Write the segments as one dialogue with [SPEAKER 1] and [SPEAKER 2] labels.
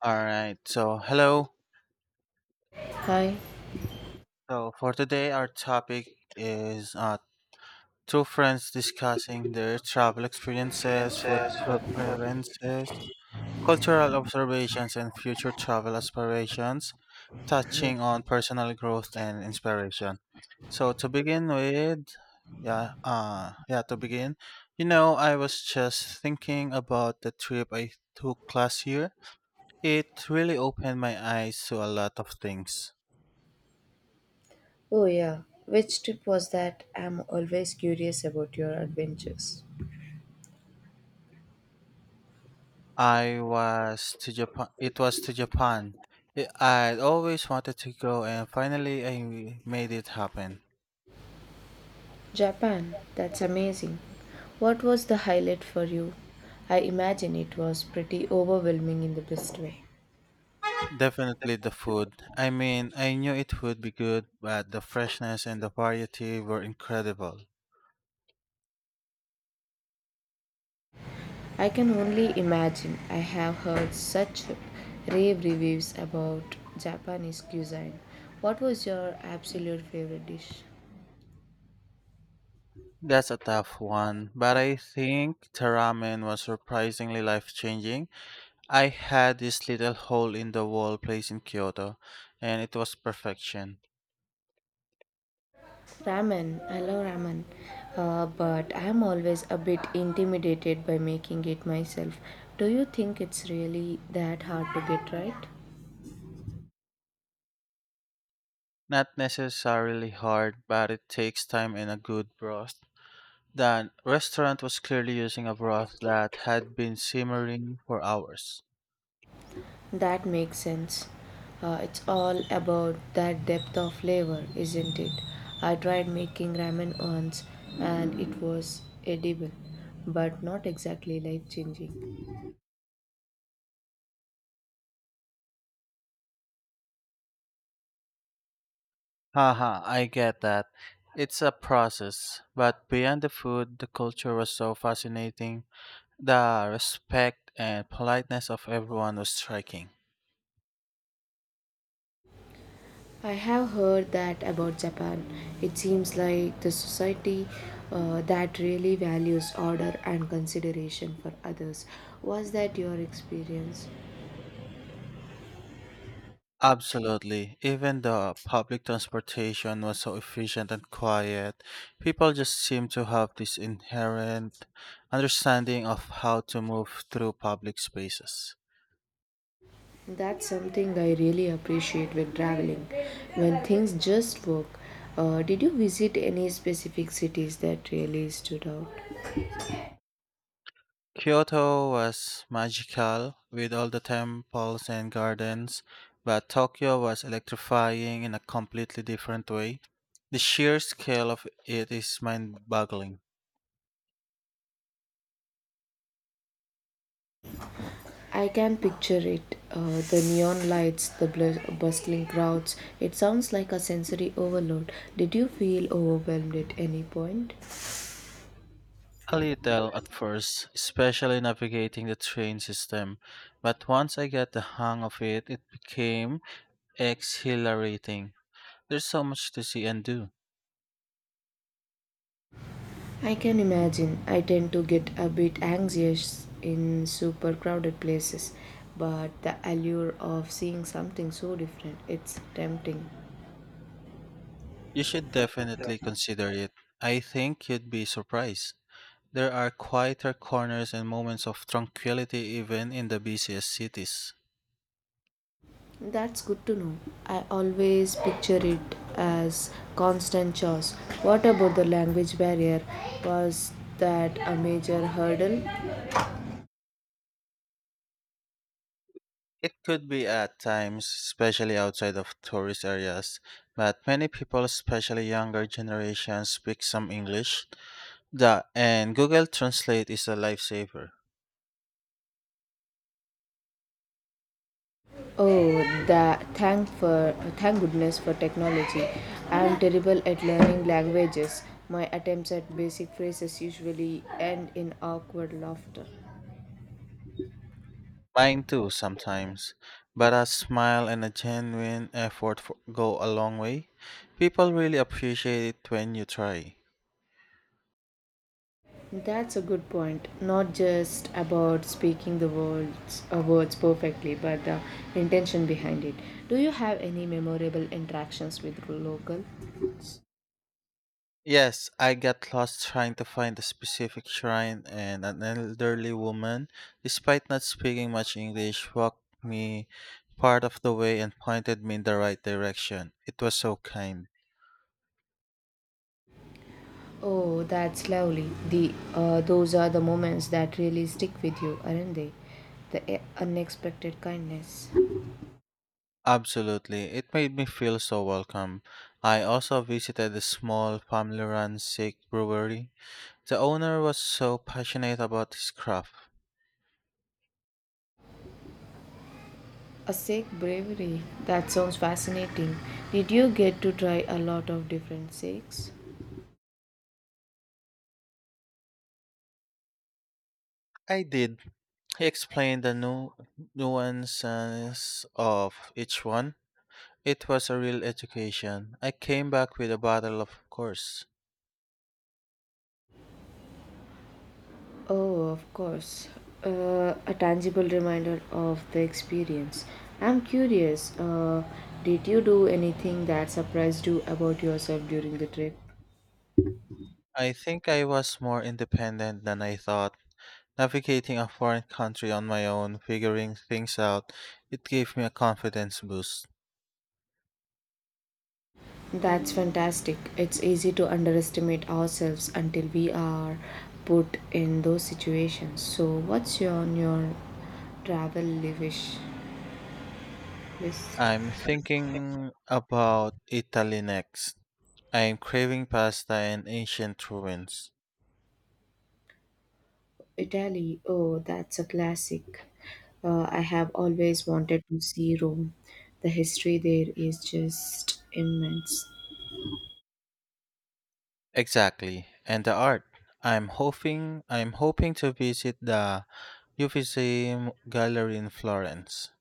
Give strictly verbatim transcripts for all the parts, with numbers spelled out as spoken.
[SPEAKER 1] All right. So, hello.
[SPEAKER 2] Hi.
[SPEAKER 1] So, for today, our topic is uh, two friends discussing their travel experiences, food
[SPEAKER 2] Experiences for.
[SPEAKER 1] preferences, cultural observations, and future travel aspirations, touching on personal growth and inspiration. So, to begin with, yeah, uh, yeah, to begin, you know, I was just thinking about the trip I took last year. It really opened my eyes to a lot of things.
[SPEAKER 2] Oh, yeah. Which trip was that? I'm always curious about your adventures.
[SPEAKER 1] I was to Japan. It was to Japan. I- I'd always wanted to go, and finally, I made it happen.
[SPEAKER 2] Japan. That's amazing. What was the highlight for you? I imagine it was pretty overwhelming in the best way.
[SPEAKER 1] Definitely the food. I mean, I knew it would be good, but the freshness and the variety were incredible.
[SPEAKER 2] I can only imagine. I have heard such rave reviews about Japanese cuisine. What was your absolute favorite dish?
[SPEAKER 1] That's a tough one, but I think the ramen was surprisingly life changing. I had this little hole in the wall place in Kyoto, and it was perfection.
[SPEAKER 2] Ramen, I love ramen, uh, but I'm always a bit intimidated by making it myself. Do you think it's really that hard to get right?
[SPEAKER 1] Not necessarily hard, but it takes time and a good broth. The restaurant was clearly using a broth that had been simmering for hours.
[SPEAKER 2] That makes sense. Uh, it's all about that depth of flavor, isn't it? I tried making ramen once and it was edible, but not exactly life changing.
[SPEAKER 1] Haha, I get that. It's a process, but beyond the food, the culture was so fascinating. The respect and politeness of everyone was striking.
[SPEAKER 2] I have heard that about Japan. It seems like the society uh, that really values order and consideration for others. Was that your experience?
[SPEAKER 1] Absolutely. Even the public transportation was so efficient and quiet. People just seem to have this inherent understanding of how to move through public spaces.
[SPEAKER 2] That's something I really appreciate when traveling, when things just work. Uh, did you visit any specific cities that really stood out?
[SPEAKER 1] Kyoto was magical with all the temples and gardens, but Tokyo was electrifying in a completely different way. The sheer scale of it is mind boggling.
[SPEAKER 2] I can picture it, uh, the neon lights, the bl- bustling crowds. It sounds like a sensory overload. Did you feel overwhelmed at any point?
[SPEAKER 1] A little at first, especially navigating the train system, but once I got the hang of it, it became exhilarating. There's so much to see and do.
[SPEAKER 2] I can imagine. I tend to get a bit anxious in super crowded places, but the allure of seeing something so different, it's tempting.
[SPEAKER 1] You should definitely consider it. I think you'd be surprised. There are quieter corners and moments of tranquility even in the busiest cities.
[SPEAKER 2] That's good to know. I always picture it as constant chores. What about the language barrier? Was that a major hurdle?
[SPEAKER 1] It could be at times, especially outside of tourist areas, but many people, especially younger generations, speak some English. Yeah, and Google Translate is a lifesaver.
[SPEAKER 2] Oh, that thank for thank goodness for technology. I am terrible at learning languages. My attempts at basic phrases usually end in awkward laughter.
[SPEAKER 1] Mine too sometimes, but a smile and a genuine effort for, go a long way. People really appreciate it when you try.
[SPEAKER 2] That's a good point. Not just about speaking the words, uh, words perfectly, but the intention behind it. Do you have any memorable interactions with local?
[SPEAKER 1] Yes, I got lost trying to find a specific shrine, and an elderly woman, despite not speaking much English, walked me part of the way and pointed me in the right direction. It was so kind.
[SPEAKER 2] Oh, that's lovely. The uh, Those are the moments that really stick with you, aren't they? The uh, unexpected kindness.
[SPEAKER 1] Absolutely, it made me feel so welcome. I also visited a small family run Sikh brewery. The owner was so passionate about his craft.
[SPEAKER 2] A Sikh bravery. That sounds fascinating. Did you get to try a lot of different Sikhs?
[SPEAKER 1] I did. He explained the nu- nuances of each one. It was a real education. I came back with a bottle, of course.
[SPEAKER 2] Oh, of course. Uh, a tangible reminder of the experience. I'm curious, uh, did you do anything that surprised you about yourself during the trip?
[SPEAKER 1] I think I was more independent than I thought. Navigating a foreign country on my own, figuring things out, it gave me a confidence boost.
[SPEAKER 2] That's fantastic. It's easy to underestimate ourselves until we are put in those situations. So, what's on your travel wish list?
[SPEAKER 1] I'm thinking about Italy next. I am craving pasta and ancient ruins.
[SPEAKER 2] Italy, oh, that's a classic. Uh, I have always wanted to see Rome. The history there is just immense.
[SPEAKER 1] Exactly. And the art. I'm hoping I'm hoping to visit the Uffizi Gallery in Florence.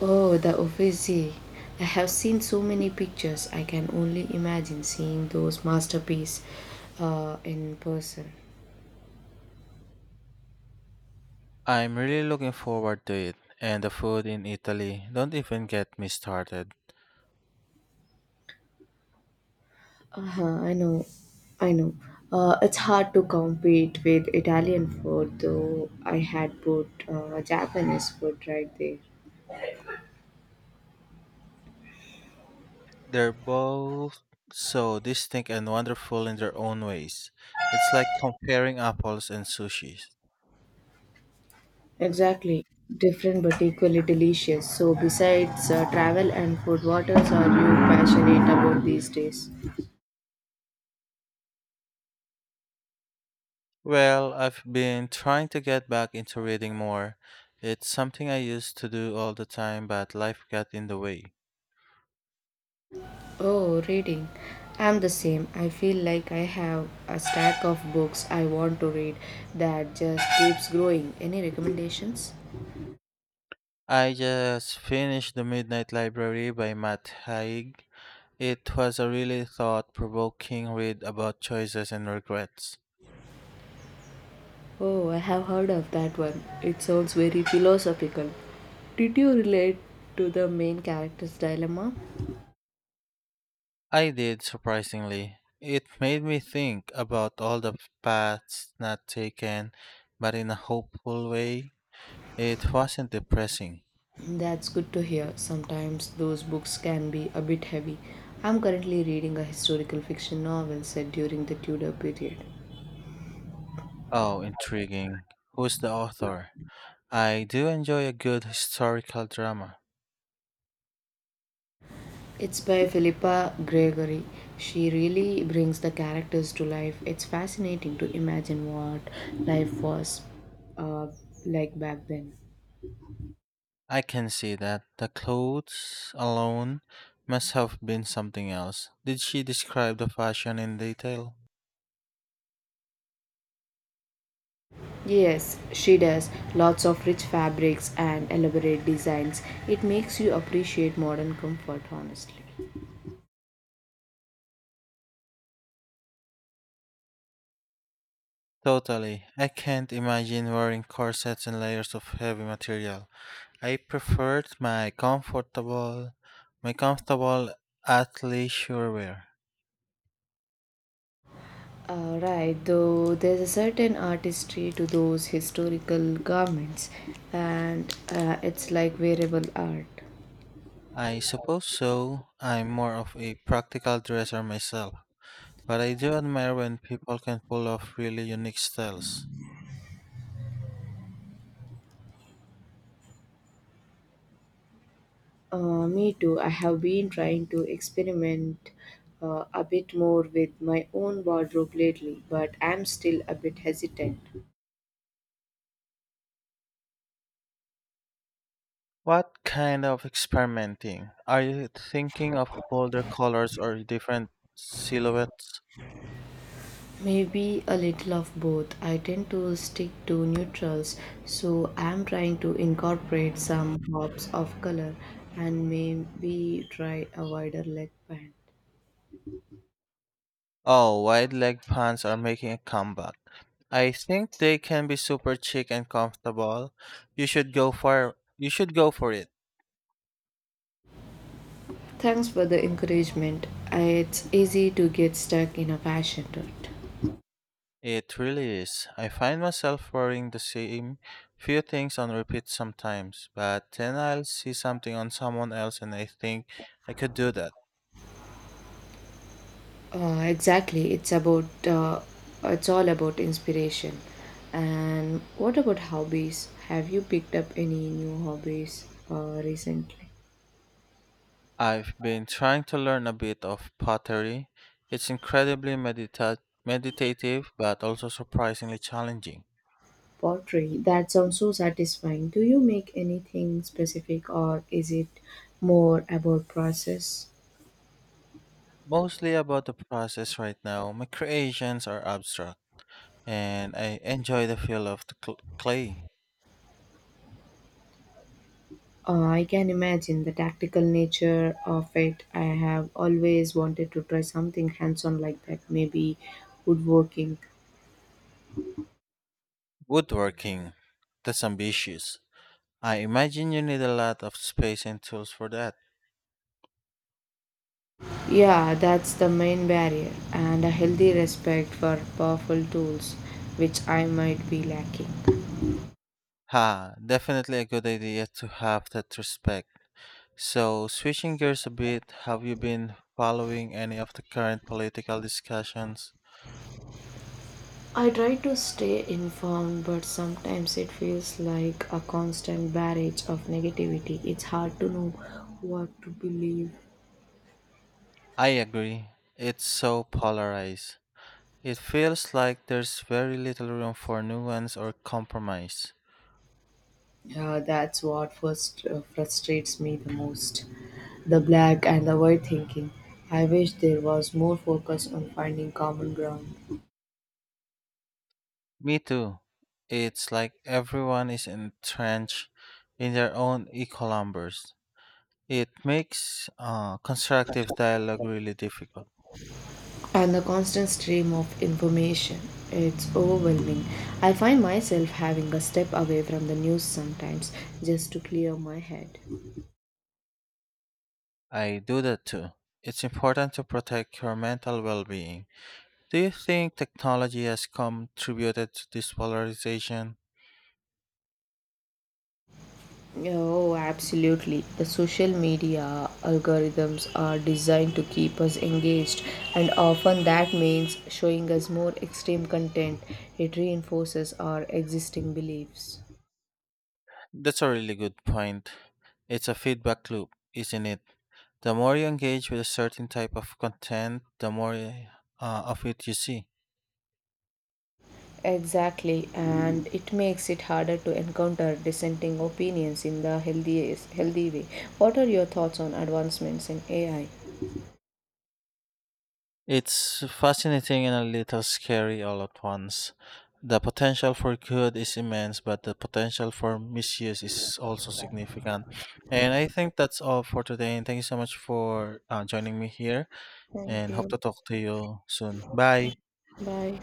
[SPEAKER 2] Oh, the Uffizi. I have seen so many pictures. I can only imagine seeing those masterpieces uh, in person.
[SPEAKER 1] I'm really looking forward to it. And the food in Italy. Don't even get me started.
[SPEAKER 2] Uh-huh, I know, I know. Uh, it's hard to compete with Italian food, though I had put uh, Japanese food right there.
[SPEAKER 1] They're both so distinct and wonderful in their own ways. It's like comparing apples and sushis.
[SPEAKER 2] Exactly. Different but equally delicious. So, besides uh, travel and food, what else are you passionate about these days?
[SPEAKER 1] Well, I've been trying to get back into reading more. It's something I used to do all the time, but life got in the way.
[SPEAKER 2] Oh, reading. I'm the same. I feel like I have a stack of books I want to read that just keeps growing. Any recommendations?
[SPEAKER 1] I just finished The Midnight Library by Matt Haig. It was a really thought provoking read about choices and regrets.
[SPEAKER 2] Oh, I have heard of that one. It sounds very philosophical. Did you relate to the main character's dilemma?
[SPEAKER 1] I did, surprisingly. It made me think about all the paths not taken, but in a hopeful way. It wasn't depressing.
[SPEAKER 2] That's good to hear. Sometimes those books can be a bit heavy. I'm currently reading a historical fiction novel set during the Tudor period.
[SPEAKER 1] Oh, intriguing. Who's the author? I do enjoy a good historical drama.
[SPEAKER 2] It's by Philippa Gregory. She really brings the characters to life. It's fascinating to imagine what life was, uh, like back then.
[SPEAKER 1] I can see that the clothes alone must have been something else. Did she describe the fashion in detail?
[SPEAKER 2] Yes, she does. Lots of rich fabrics and elaborate designs. It makes you appreciate modern comfort, honestly.
[SPEAKER 1] Totally. I can't imagine wearing corsets and layers of heavy material. I preferred my comfortable, my comfortable athleisure wear.
[SPEAKER 2] Uh, right, though there's a certain artistry to those historical garments, and uh, it's like wearable art.
[SPEAKER 1] I suppose so. I'm more of a practical dresser myself, but I do admire when people can pull off really unique styles.
[SPEAKER 2] Uh, me too, I have been trying to experiment uh, a bit more with my own wardrobe lately, but I'm still a bit hesitant.
[SPEAKER 1] What kind of experimenting? Are you thinking of bolder colors or different silhouettes?
[SPEAKER 2] Maybe a little of both. I tend to stick to neutrals, so I'm trying to incorporate some pops of color and maybe try a wider leg band.
[SPEAKER 1] Oh, wide leg pants are making a comeback. I think they can be super chic and comfortable. You should go for you should go for it.
[SPEAKER 2] Thanks for the encouragement. I- It's easy to get stuck in a passion, right?
[SPEAKER 1] It really is. I find myself wearing the same few things on repeat sometimes, but then I'll see something on someone else and I think I could do that.
[SPEAKER 2] Uh, exactly. It's about. Uh, it's all about inspiration. And what about hobbies? Have you picked up any new hobbies uh, recently?
[SPEAKER 1] I've been trying to learn a bit of pottery. It's incredibly medita- meditative but also surprisingly challenging.
[SPEAKER 2] Pottery. That sounds so satisfying. Do you make anything specific, or is it more about process?
[SPEAKER 1] Mostly about the process right now. My creations are abstract and I enjoy the feel of the cl- clay.
[SPEAKER 2] Uh, I can imagine the tactical nature of it. I have always wanted to try something hands on like that, maybe woodworking.
[SPEAKER 1] Woodworking, that's ambitious. I imagine you need a lot of space and tools for that.
[SPEAKER 2] Yeah, that's the main barrier, and a healthy respect for powerful tools, which I might be lacking.
[SPEAKER 1] Ha, definitely a good idea to have that respect. So, switching gears a bit, have you been following any of the current political discussions?
[SPEAKER 2] I try to stay informed, but sometimes it feels like a constant barrage of negativity. It's hard to know what to believe.
[SPEAKER 1] I agree. It's so polarized. It feels like there's very little room for nuance or compromise.
[SPEAKER 2] Yeah, that's what first, uh, frustrates me the most. The black and the white thinking. I wish there was more focus on finding common ground.
[SPEAKER 1] Me too. It's like everyone is entrenched in their own echo chambers. It makes uh, constructive dialogue really difficult.
[SPEAKER 2] And the constant stream of information. It's overwhelming. I find myself having a step away from the news sometimes just to clear my head.
[SPEAKER 1] I do that too. It's important to protect your mental well being. Do you think technology has contributed to this polarization?
[SPEAKER 2] Oh, absolutely. The social media algorithms are designed to keep us engaged, and often that means showing us more extreme content. It reinforces our existing beliefs.
[SPEAKER 1] That's a really good point. It's a feedback loop, isn't it? The more you engage with a certain type of content, the more uh, of it you see.
[SPEAKER 2] Exactly, and it makes it harder to encounter dissenting opinions in the healthy, healthy way. What are your thoughts on advancements in A I?
[SPEAKER 1] It's fascinating and a little scary all at once. The potential for good is immense, but the potential for misuse is also significant. And I think that's all for today. And thank you so much for uh, joining me here.
[SPEAKER 2] Thank
[SPEAKER 1] And hope
[SPEAKER 2] you.
[SPEAKER 1] to talk to you soon. Bye.
[SPEAKER 2] Bye.